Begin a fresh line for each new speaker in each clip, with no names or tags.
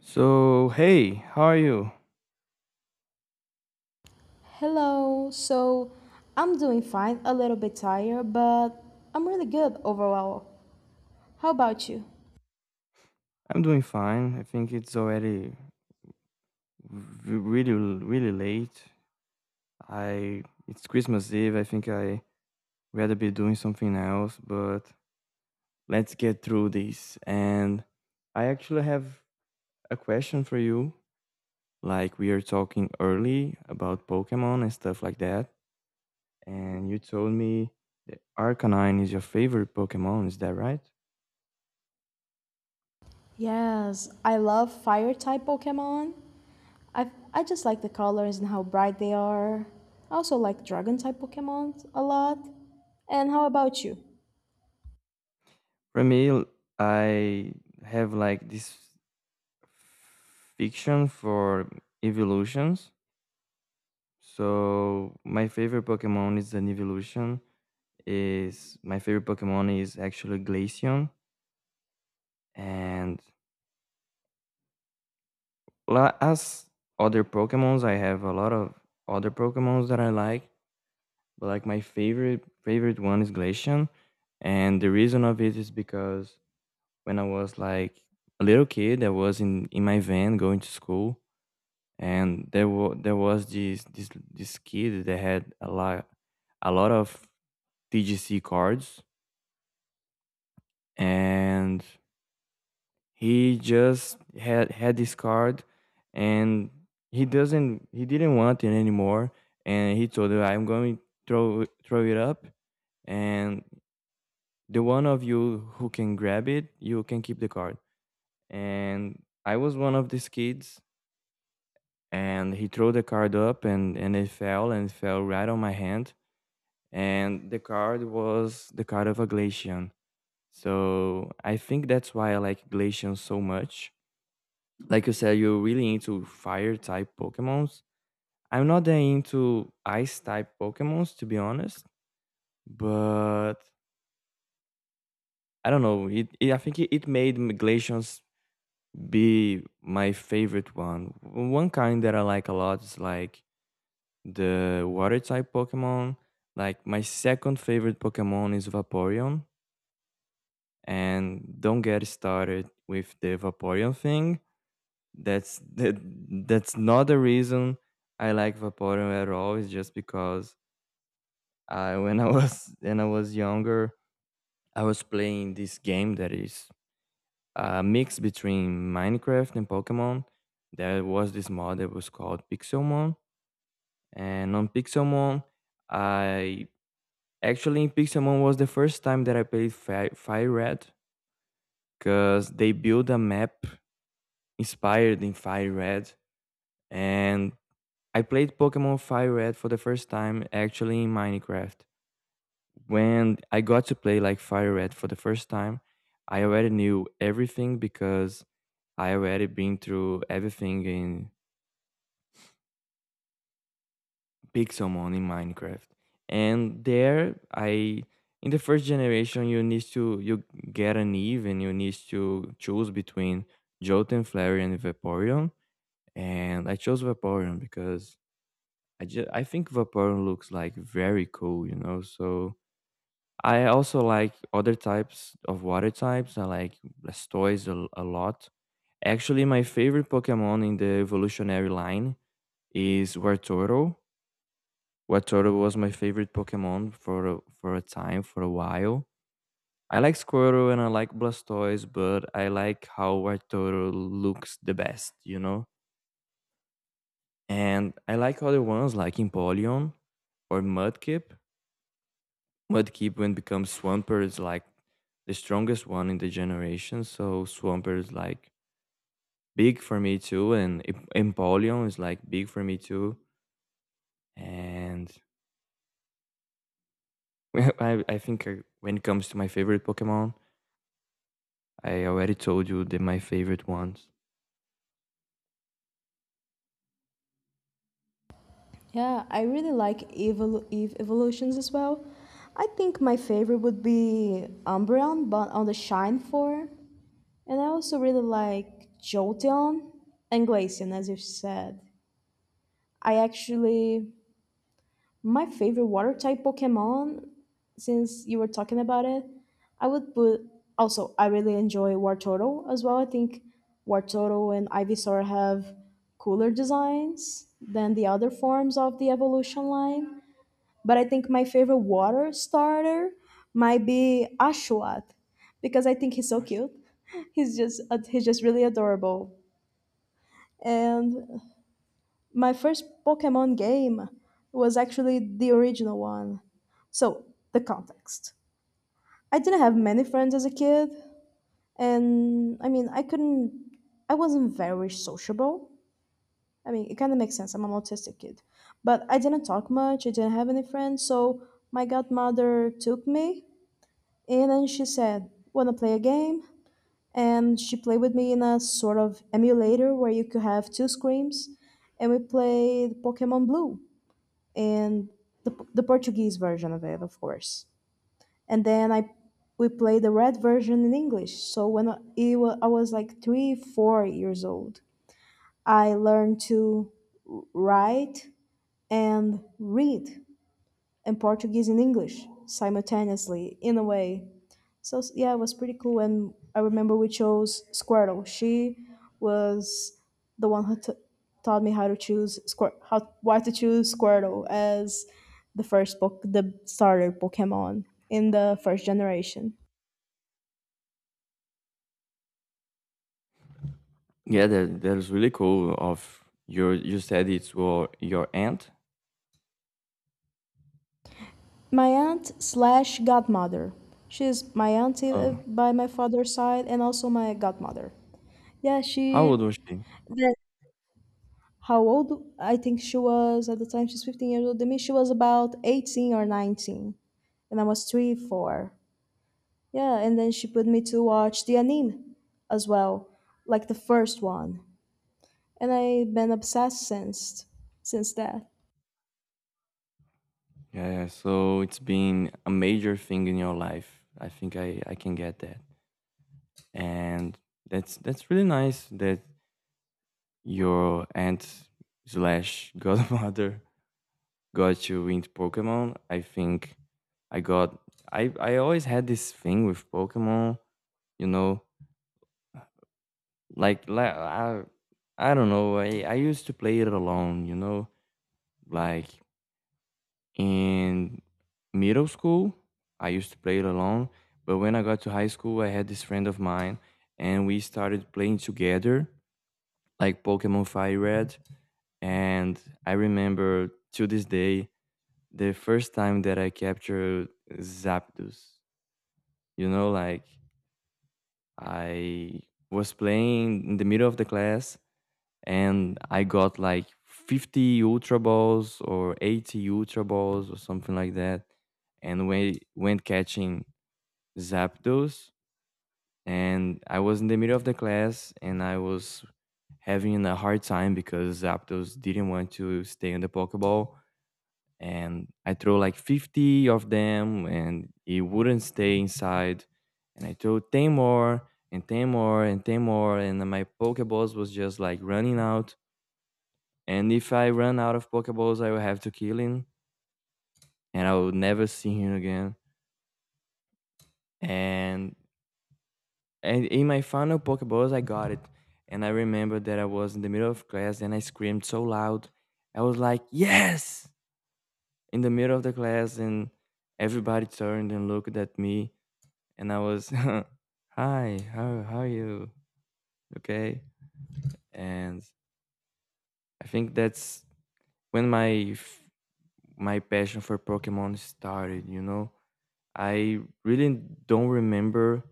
So, hey, how are you?
Hello. I'm doing fine, a little bit tired, but I'm really good overall. How about you?
I'm doing fine. I think it's already r- really really late. I It's Christmas Eve. I think I rather be doing something else, but let's get through this. And I actually have a question for you. Like we are talking early about Pokemon and stuff like that, and you told me that Arcanine is your favorite Pokemon, is that right?
Yes, I love fire type Pokemon. I just like the colors and how bright they are. I also like dragon type Pokemon a lot. And how about you?
For me, I have like this fiction for evolutions. So my favorite Pokemon is an evolution. Is my favorite Pokemon is actually Glaceon, and as other Pokemons, I have a lot of other Pokemons that I like, but like my favorite favorite one is Glaceon, and the reason of it is because when I was like a little kid, I was in my van going to school, and there was this kid that had a lot of TGC cards, and he just had this card, and he didn't want it anymore, and he told her, "I'm going to throw it up, and the one of you who can grab it, you can keep the card." And I was one of these kids, and he threw the card up, and it fell and it fell right on my hand and the card was the card of a Glacian. So I think that's why I like Glacian so much. Like you said, you're really into fire type Pokemons. I'm not that into ice type Pokemons, to be honest, but I don't know. It, I think it made Glacians be my favorite one. One kind that I like a lot is like the water type Pokemon. Like my second favorite Pokemon is Vaporeon and don't get started with the Vaporeon thing. That's that, that's not the reason I like Vaporeon at all. It's just because I when I was when I was younger, I was playing this game that is a mix between Minecraft and Pokemon. There was this mod that was called Pixelmon, and on Pixelmon, I actually in Pixelmon was the first time that I played Fi Fire Red because they built a map inspired in Fire Red, and I played Pokemon Fire Red for the first time actually in Minecraft. When I got to play like Fire Red for the first time, I already knew everything because I already been through everything in Pixelmon in Minecraft. And there I in the first generation you need to you get an Eve and you need to choose between Jolteon, Flareon, and Vaporeon. And I chose Vaporeon because I just I think Vaporeon looks like very cool, you know. So I also like other types of water types. I like Blastoise a lot. Actually, my favorite Pokemon in the evolutionary line is Wartortle. Wartortle was my favorite Pokemon for a time, for a while. I like Squirtle and I like Blastoise, but I like how Wartortle looks the best, you know. And I like other ones like Empoleon or Mudkip when becomes Swampert is like the strongest one in the generation. So Swampert is like big for me too, and Empoleon is like big for me too. And I think when it comes to my favorite Pokemon, I already told you that my favorite ones.
Yeah, I really like Eve evolutions as well. I think my favorite would be Umbreon, but on the Shine form. And I also really like Jolteon and Glaceon, as you said. I actually, my favorite water type Pokemon, since you were talking about it, I would put, also, I really enjoy Wartortle as well. I think Wartortle and Ivysaur have cooler designs than the other forms of the evolution line, but I think my favorite water starter might be Ashwat because I think he's so
Gosh.
cute. He's just really adorable. And my first Pokemon game was actually the original one. So, the context. I didn't have many friends as a kid, and I mean, I wasn't very sociable. I mean, it kind of makes sense. I'm an autistic kid. But I didn't talk much. I didn't have any friends. So my godmother took me. And then she said, "Wanna play a game?" And she played with me in a sort of emulator where you could have two screens. And we played Pokemon Blue and the Portuguese version of it, of course. And then I we played the red version in English. So when I was like three, 4 years old, I learned to write and read in Portuguese and English simultaneously in a way. Yeah, it was pretty cool. And I remember we chose Squirtle. She was the one who taught me how to choose Squir- how why to choose Squirtle as the first book, the starter Pokemon in the first generation.
Yeah, that is really cool. You said it's your aunt.
My aunt slash godmother. She's my auntie
Oh,
by my father's side and also my godmother. Yeah,
how
she.
old was she?
How old? I think she was at the time she's 15 years old. She was about 18 or 19, and I was three, four. Yeah, and then she put me to watch the anime as well, like the first one, and I've been obsessed since that.
Yeah, so it's been a major thing in your life. I think I can get that. And that's really nice that your aunt slash godmother got you into Pokemon. I think I got I always had this thing with Pokemon, you know, like I don't know. I used to play it alone, you know, like in middle school I used to play it alone, but when I got to high school I had this friend of mine and we started playing together like Pokemon Fire Red. And I remember to this day the first time that I captured Zapdos. You know, like I was playing in the middle of the class and I got like 50 Ultra Balls or 80 Ultra Balls or something like that. And we went catching Zapdos and I was in the middle of the class and I was having a hard time because Zapdos didn't want to stay on the Pokeball and I threw like 50 of them and it wouldn't stay inside and I threw 10 more and 10 more and 10 more and my Pokeballs was just like running out and if I run out of Pokeballs I will have to kill him and I will never see him again and and in my final Pokeballs, I got it. And I remember that I was in the middle of class and I screamed so loud. I was like, yes! In the middle of the class, and everybody turned and looked at me. And I was, hi, how are you? Okay. And I think that's when my passion for Pokemon started, you know? I really don't remember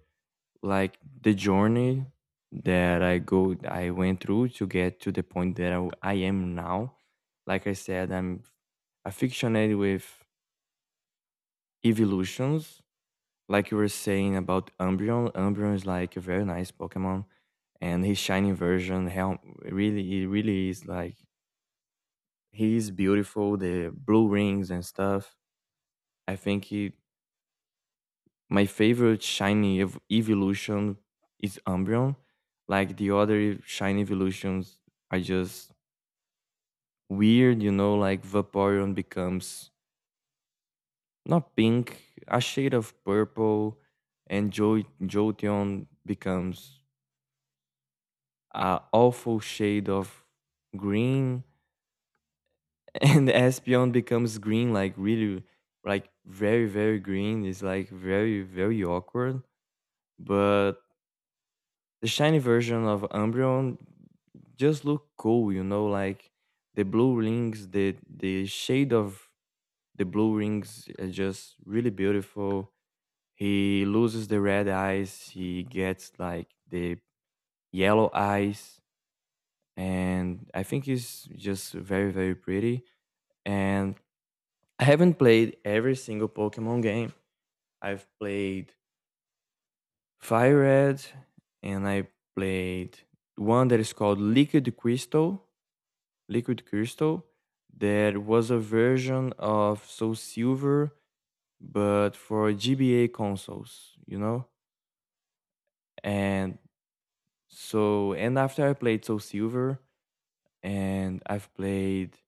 like the journey that I went through to get to the point that I am now. Like I said, I'm affectionated with evolutions. Like you were saying about Umbreon, Umbreon is like a very nice Pokemon, and his shiny version, hell, really, it really is like he is beautiful. The blue rings and stuff. I think he My favorite shiny evolution is Umbreon. Like the other shiny evolutions are just weird, you know, like Vaporeon becomes not pink, a shade of purple, and Jolteon becomes a awful shade of green, and Espeon becomes green, like really, like very, very green. It's like very, very awkward, but the shiny version of Umbreon just look cool, you know, like the blue rings, the shade of the blue rings are just really beautiful. He loses the red eyes, he gets like the yellow eyes, and I think he's just very, very pretty. And I haven't played every single Pokemon game. I've played Fire Red and I played one that is called Liquid Crystal. There was a version of Soul Silver, but for GBA consoles, you know? And so, and after I played Soul Silver, and I've played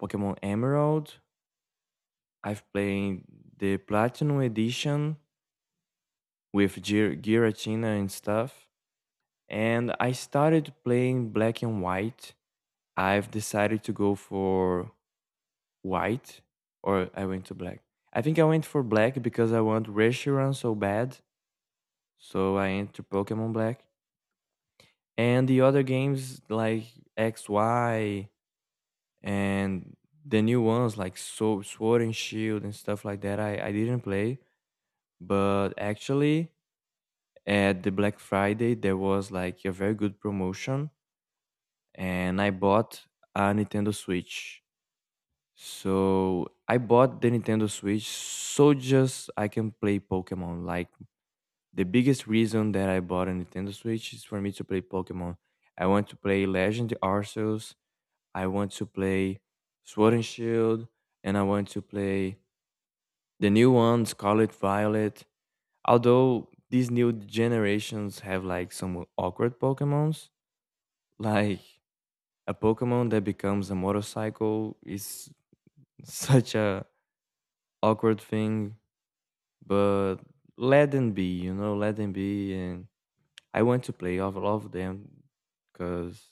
Pokemon Emerald, I've played the Platinum Edition with Giratina and stuff. And I started playing Black and White. I've decided to go for white or I went to black. I think I went for black because I want Reshiram so bad. So I went to Pokemon Black. And the other games like XY and the new ones like so Sword and Shield and stuff like that, I didn't play. But actually, at the Black Friday, there was like a very good promotion. And I bought a Nintendo Switch. So I bought the Nintendo Switch so just I can play Pokemon. Like the biggest reason that I bought a Nintendo Switch is for me to play Pokemon. I want to play Legend Arceus. I want to play Sword and Shield, and I want to play the new one, Scarlet Violet. Although these new generations have like some awkward Pokemons, like a Pokemon that becomes a motorcycle is such a awkward thing but let them be, you know, let them be. And I want to play all of them because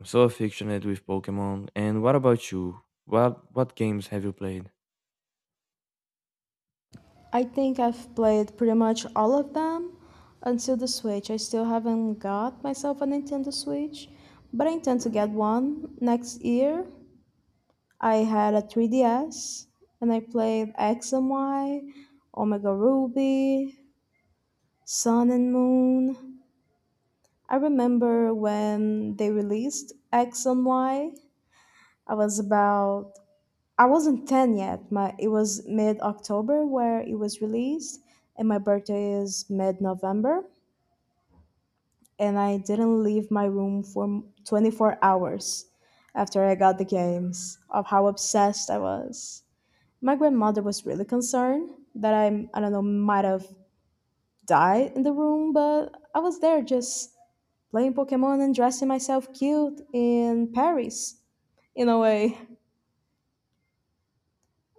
I'm so affectionate with Pokemon. And what about you? What games have you played?
I think I've played pretty much all of them until the Switch. I still haven't got myself a Nintendo Switch, but I intend to get one next year. I had a 3DS and I played X and Y, Omega Ruby, Sun and Moon. I remember when they released X and Y, I was about I wasn't 10 yet. My It was mid-October where it was released and my birthday is mid-November, and I didn't leave my room for 24 hours after I got the games of how obsessed I was. My grandmother was really concerned that I don't know, might have died in the room, but I was there just playing Pokemon and dressing myself cute in Paris, in a way.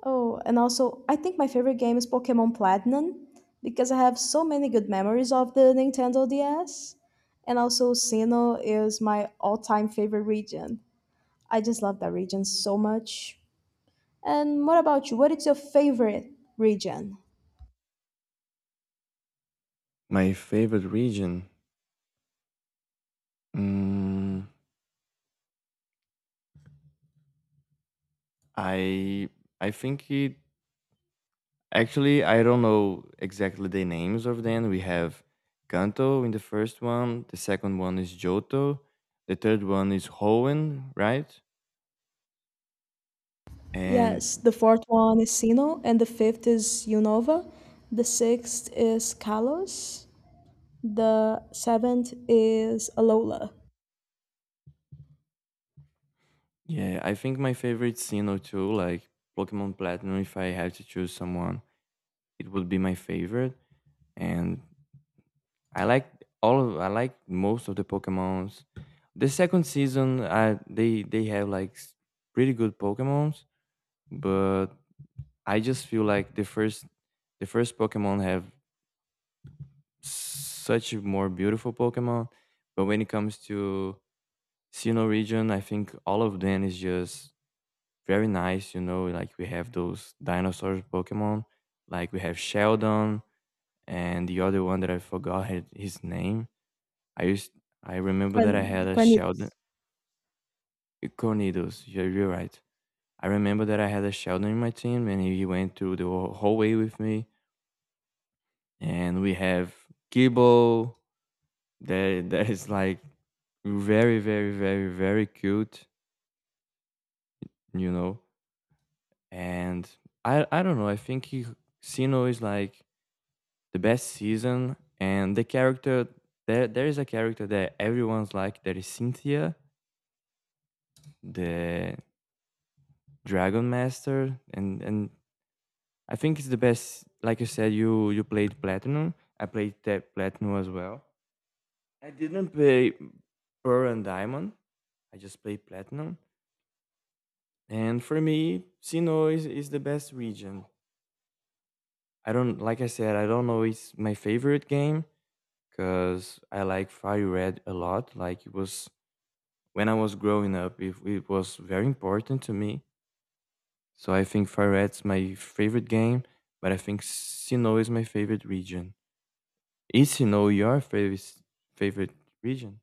Oh, and also, I think my favorite game is Pokemon Platinum because I have so many good memories of the Nintendo DS. And also, Sinnoh is my all time favorite region. I just love that region so much. And what about you? What is your favorite region?
My favorite region. Mm, I I think it actually I don't know exactly the names of them. We have Kanto in the first one, the second one is Johto, the third one is Hoenn, right? And
Yes, the fourth one is Sino, and the fifth is Unova. The sixth is Kalos. The seventh is Alola.
yeah, I think my favorite Sinnoh too, like Pokemon Platinum, if I had to choose someone, it would be my favorite. And I like all of I like most of the Pokemons. The second season, I they have like pretty good Pokemons, but I just feel like the first Pokemon have such a more beautiful Pokemon. But when it comes to Sinnoh region, I think all of them is just very nice. You know, like we have those dinosaurs Pokemon, like we have Sheldon and the other one that I forgot his name. I used I remember that I had a Sheldon
Cuernidos.
Cornidos. You're right. I remember that I had a Sheldon in my team, and he went through the whole way with me. And we have Gibbo. That is like very very very very cute you know and i don't know I think sino is like the best season and the character there is a character that everyone's like that is Cynthia, the Dragon Master and I think it's the best like you said you played Platinum. I played that Platinum as well. I didn't play Pearl and Diamond. I just played Platinum. And for me, Sinnoh is the best region. I don't like I said, I don't know it's my favorite game because I like Fire Red a lot. Like it was when I was growing up, it was very important to me. So I think Farette's my favorite game, but I think Sinnoh is my favorite region. Is Sinnoh your favorite favorite region?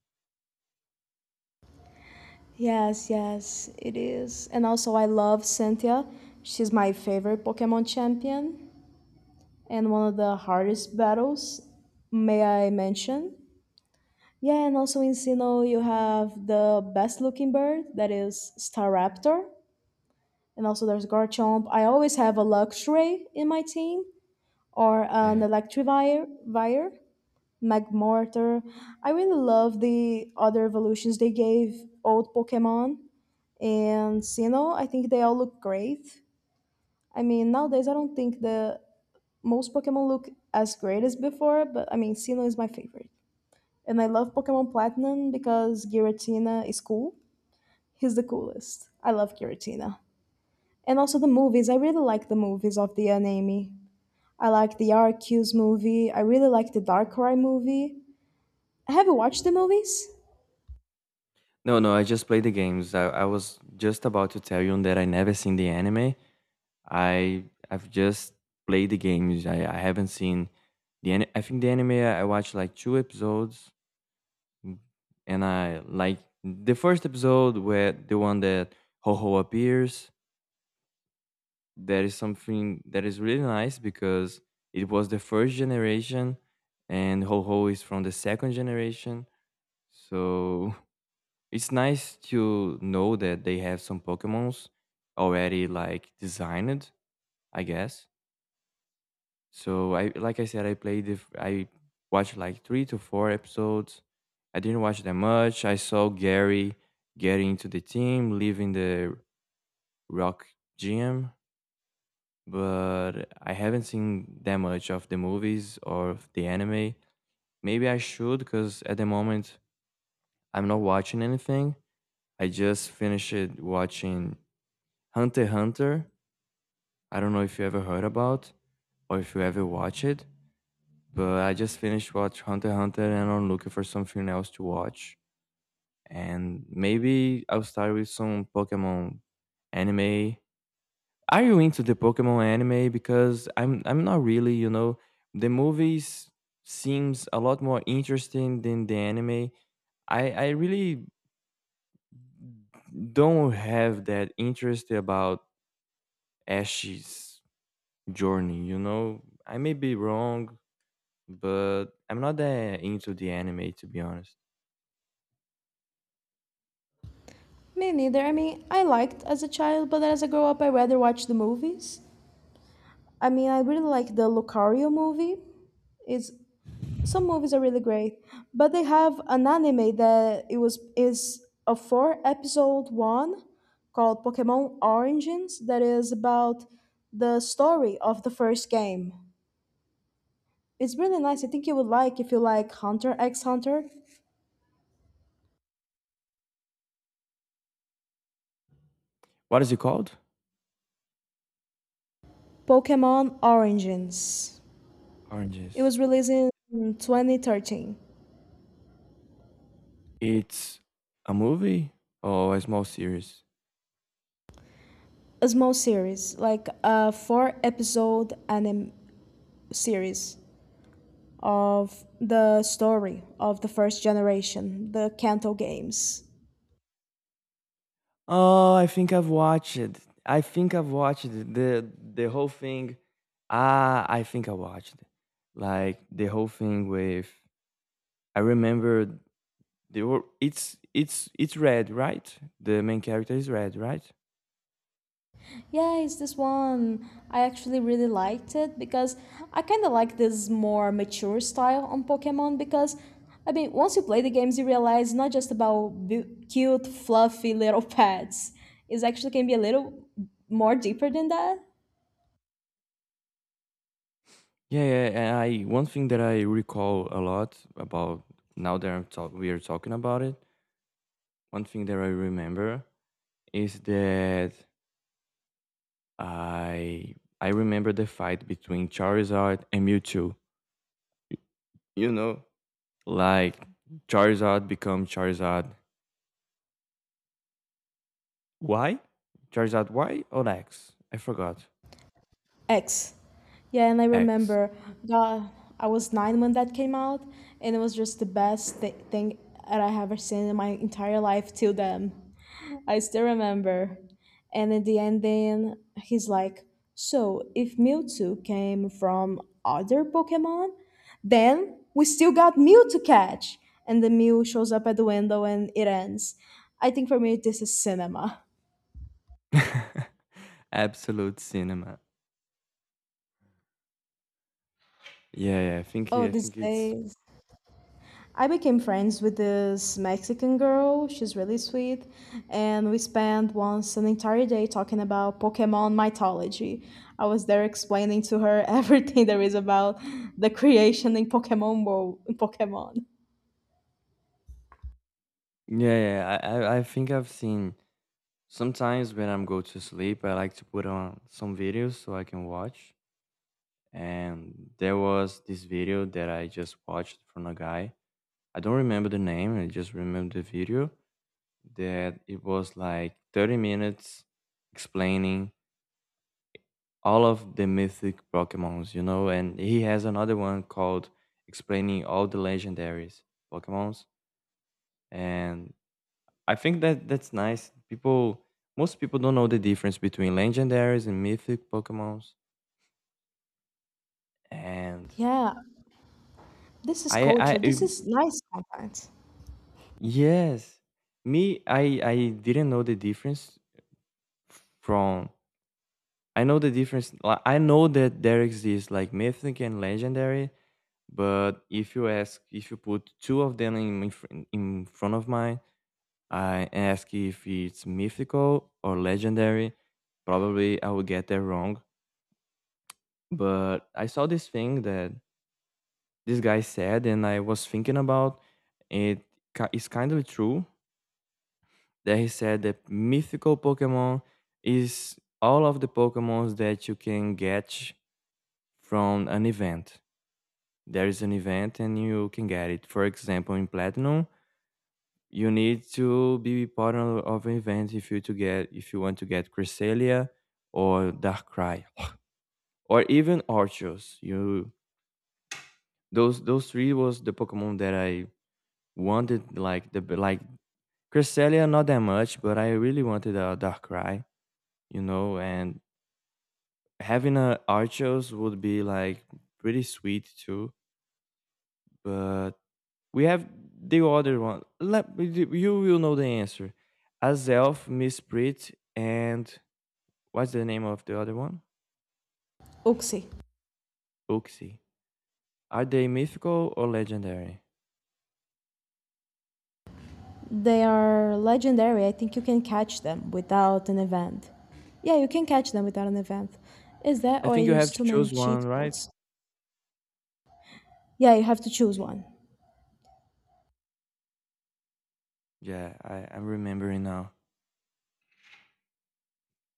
Yes, yes, it is. And also, I love Cynthia. She's my favorite Pokemon champion and one of the hardest battles, may I mention. Yeah, and also in Sinnoh, you have the best looking bird, that is Staraptor. And also there's Garchomp. I always have a Luxray in my team or an
Yeah.
Electivire, Vire, Magmortar. I really love the other evolutions they gave old Pokemon. And you know, I think they all look great. I mean, nowadays I don't think the most Pokemon look as great as before, but I mean, Sinnoh is my favorite. And I love Pokemon Platinum because Giratina is cool. He's the coolest. I love Giratina. And also the movies. I really like the movies of the anime. I like the RQ's movie. I really like the Darkrai movie. Have you watched the movies?
No, no, I just played the games. I was just about to tell you that I never seen the anime. I I've just played the games. I haven't seen I think the anime I watched like two episodes, mm, and I like the first episode where the one that Ho Ho appears, that is something that is really nice because it was the first generation and Ho Ho is from the second generation. So it's nice to know that they have some Pokemons already like designed, I guess. So I like I said, I played the f- I watched like three to four episodes. I didn't watch that much. I saw Gary getting into the team, leaving the rock gym, but I haven't seen that much of the movies or of the anime. Maybe I should, because at the moment I'm not watching anything. I just finished watching Hunter x Hunter. I don't know if you ever heard about or if you ever watch it, but I just finished watch Hunter x Hunter and I'm looking for something else to watch. And maybe I'll start with some Pokemon anime. Are you into the Pokemon anime? Because I'm not really, you know. The movies seems a lot more interesting than the anime. I really don't have that interest about Ash's journey, you know. I may be wrong, but I'm not that into the anime to be honest.
Me neither. I mean, I liked as a child, but as I grow up, I rather watch the movies. I mean, I really like the Lucario movie. It's, some movies are really great, but they have an anime that it was is a four episode one called Pokemon Origins that is about the story of the first game. It's really nice. I think you would like if you like Hunter x Hunter.
What is it called?
Pokemon Origins. It was
Oranges.
released in 2013.
It's a movie or a small series?
A small series, like a four episode anime series of the story of the first generation, the Kanto games.
Oh, I think I've watched it. I think I've watched it, the whole thing. Ah, I think I watched it. Like the whole thing with. I remember they were. It's red, right? The main character is red, right?
Yeah, it's this one. I actually really liked it because I kind of like this more mature style on Pokemon because I mean, once you play the games, you realize not just about cute, fluffy little pets. It's actually can be a little more deeper than that.
Yeah, yeah. And I one thing that I recall a lot about now that we are talking about it. One thing that I remember is that I I remember the fight between Charizard and Mewtwo. You know, like Charizard become Charizard. Why? Charizard Y or X? I forgot.
X. Yeah, and I
X.
remember, God, I was nine when that came out, and it was just the best thing that I have ever seen in my entire life till then. I still remember. And in the ending, he's like, "So if Mewtwo came from other Pokemon, then we still got Mew to catch." And the Mew shows up at the window and it ends. I think for me, this is cinema.
Absolute cinema. Yeah, yeah.
Oh,
I
these
think it's
days. I became friends with this Mexican girl. She's really sweet. And we spent once an entire day talking about Pokemon mythology. I was there explaining to her everything there is about the creation in Pokemon world, in Pokemon.
yeah, yeah. I think I've seen sometimes when I'm go to sleep, I like to put on some videos so I can watch. And there was this video that I just watched from a guy. I don't remember the name. I just remember the video that it was like 30 minutes explaining all of the mythic Pokemons, you know, and he has another one called Explaining All the Legendaries Pokemons. And I think that that's nice. People, most people don't know the difference between legendaries and mythic Pokemons. And
Yeah, this is
I, I,
culture. This
I-
is nice content.
yes, me, I didn't know the difference from. I know the difference. Like, I know that there exists like mythic and legendary, but if you ask, if you put two of them in front of mine, I ask if it's mythical or legendary. Probably I would get that wrong. But I saw this thing that this guy said, and I was thinking about it. It's kind of true that he said that mythical Pokemon is all of the Pokemons that you can get from an event. There is an event, and you can get it. For example, in Platinum you need to be part of an event if you want to get Cresselia or Darkrai or even Archos. You those three was the Pokemon that I wanted like the like Cresselia not that much, but I really wanted a Darkrai, you know, and having a Archos would be like pretty sweet too. But we have the other one. Let you will know the answer. Azelf, Miss Prit, and what's the name of the other one?
Uxie.
Uxie. Are they mythical or legendary?
They are legendary. I think you can catch them without an event. Yeah, you can catch them without an event. Is that
I
or I
think you have
use
to
too many
choose one,
cheat
right?
codes? Yeah, you have to choose one.
Yeah, I'm remembering now.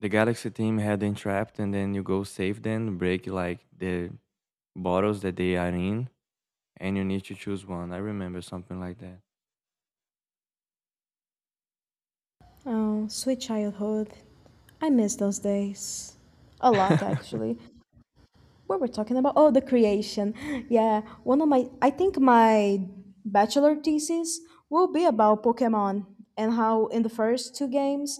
The Galaxy team had them trapped, and then you go save them, break like the bottles that they are in, and you need to choose one. I remember something like that.
Oh, sweet childhood. I miss those days. A lot, actually. What were we talking about? Oh, the creation. Yeah, one of my, I think my bachelor thesis will be about Pokemon and how in the first two games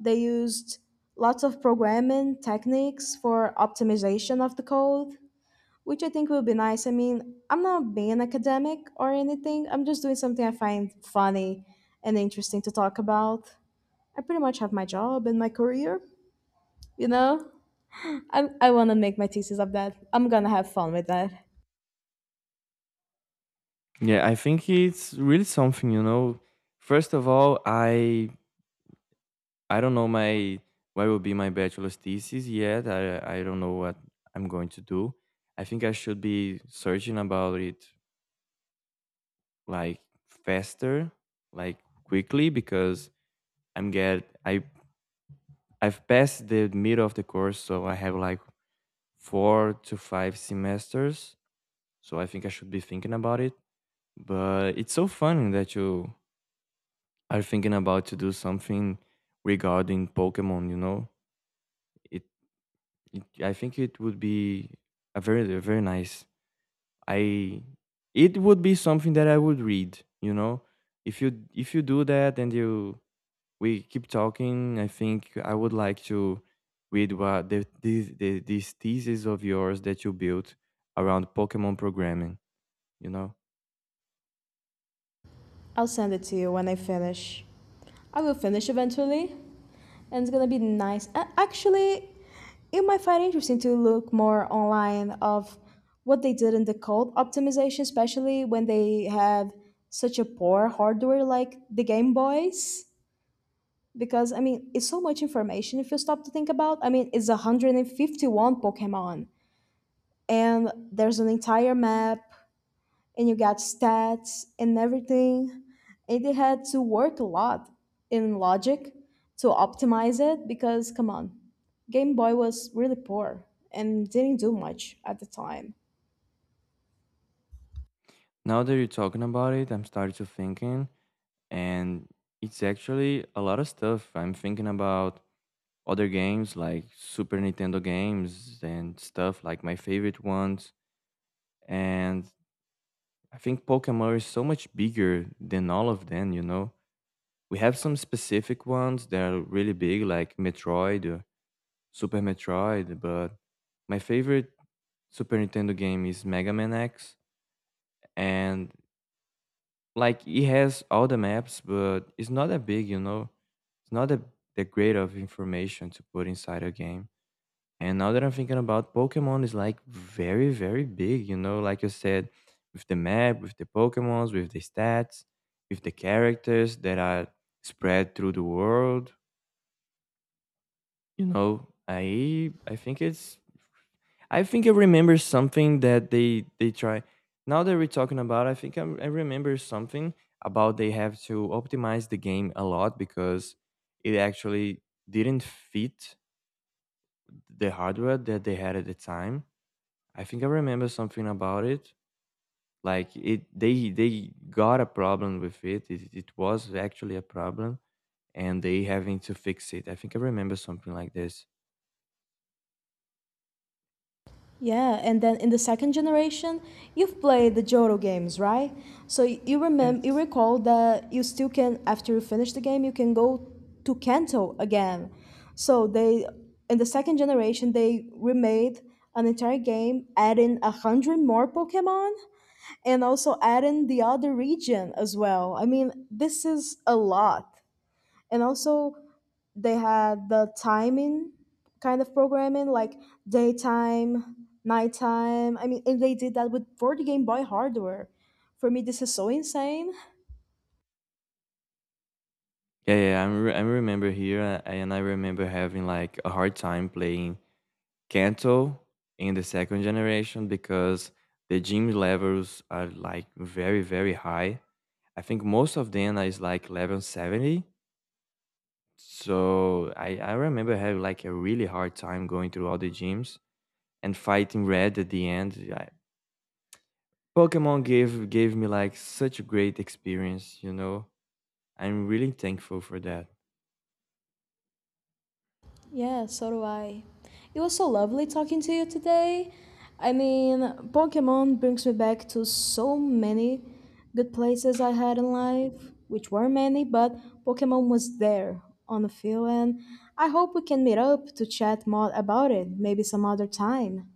they used lots of programming techniques for optimization of the code, which I think will be nice. I mean, I'm not being academic or anything, I'm just doing something I find funny and interesting to talk about. I pretty much have my job and my career, you know? I want to make my thesis of that. I'm gonna have fun with that.
Yeah, I think it's really something, you know. First of all, I don't know my what will be my bachelor's thesis yet. I don't know what I'm going to do. I think I should be searching about it like faster, like quickly because I'm get I I've passed the middle of the course, so I have like four to five semesters. So I think I should be thinking about it. But it's so funny that you are thinking about to do something regarding Pokemon. You know, it I think it would be a very nice. I it would be something that I would read. You know, if you do that and you we keep talking, I think I would like to read what these thesis of yours that you built around Pokemon programming. You know,
I'll send it to you when I finish. I will finish eventually, and it's gonna be nice. A- Actually, you might find it interesting to look more online of what they did in the code optimization, especially when they had such a poor hardware like the Game Boys. Because I mean, it's so much information if you stop to think about. I mean, it's 151 Pokemon, and there's an entire map and you got stats and everything, and they had to work a lot in logic to optimize it because come on, game boy was really poor and didn't do much at the time.
now that you're talking about it, I'm starting to thinking, and it's actually a lot of stuff I'm thinking about other games like Super Nintendo games and stuff like my favorite ones. And I think Pokemon is so much bigger than all of them, you know. We have some specific ones that are really big, like Metroid or Super Metroid, but my favorite Super Nintendo game is Mega Man X. And like it has all the maps, but it's not that big, you know. It's not that great of information to put inside a game. And now that I'm thinking about Pokemon is like very, very big, you know, like you said, with the map, with the Pokemons, with the stats, with the characters that are spread through the world. You know, I think it's I think I remember something that they try now that we're talking about, I think I remember something about they have to optimize the game a lot because it actually didn't fit the hardware that they had at the time. I think I remember something about it. They got a problem with it. It was actually a problem, and they having to fix it. I think I remember something like this.
Yeah, and then in the second generation, you've played the Johto games, right? So you remember, you
Yes.
recall that you still can, after you finish the game, you can go to Kanto again. So they, in the second generation, they remade an entire game, adding 100 more Pokemon, and also adding the other region as well. I mean, this is a lot, and also they had the timing kind of programming like daytime, nighttime. I mean, and they did that with board game boy hardware. For me, this is so insane.
Yeah, yeah. I remember here, and I remember having like a hard time playing Kanto in the second generation because the gym levels are like very very high. I think most of them is like level 70, so I remember having like a really hard time going through all the gyms and fighting red at the end. I, Pokemon gave me like such a great experience, you know. I'm really thankful for that.
Yeah, so do I. It was so lovely talking to you today. I mean, Pokemon brings me back to so many good places I had in life, which weren't many, but Pokemon was there on the field, and I hope we can meet up to chat more about it, maybe some other time.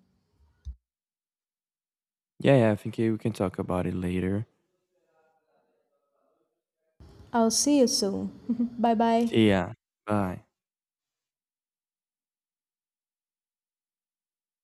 Yeah, yeah, I think we can talk about it later.
I'll see you soon. Bye bye.
See ya. Bye.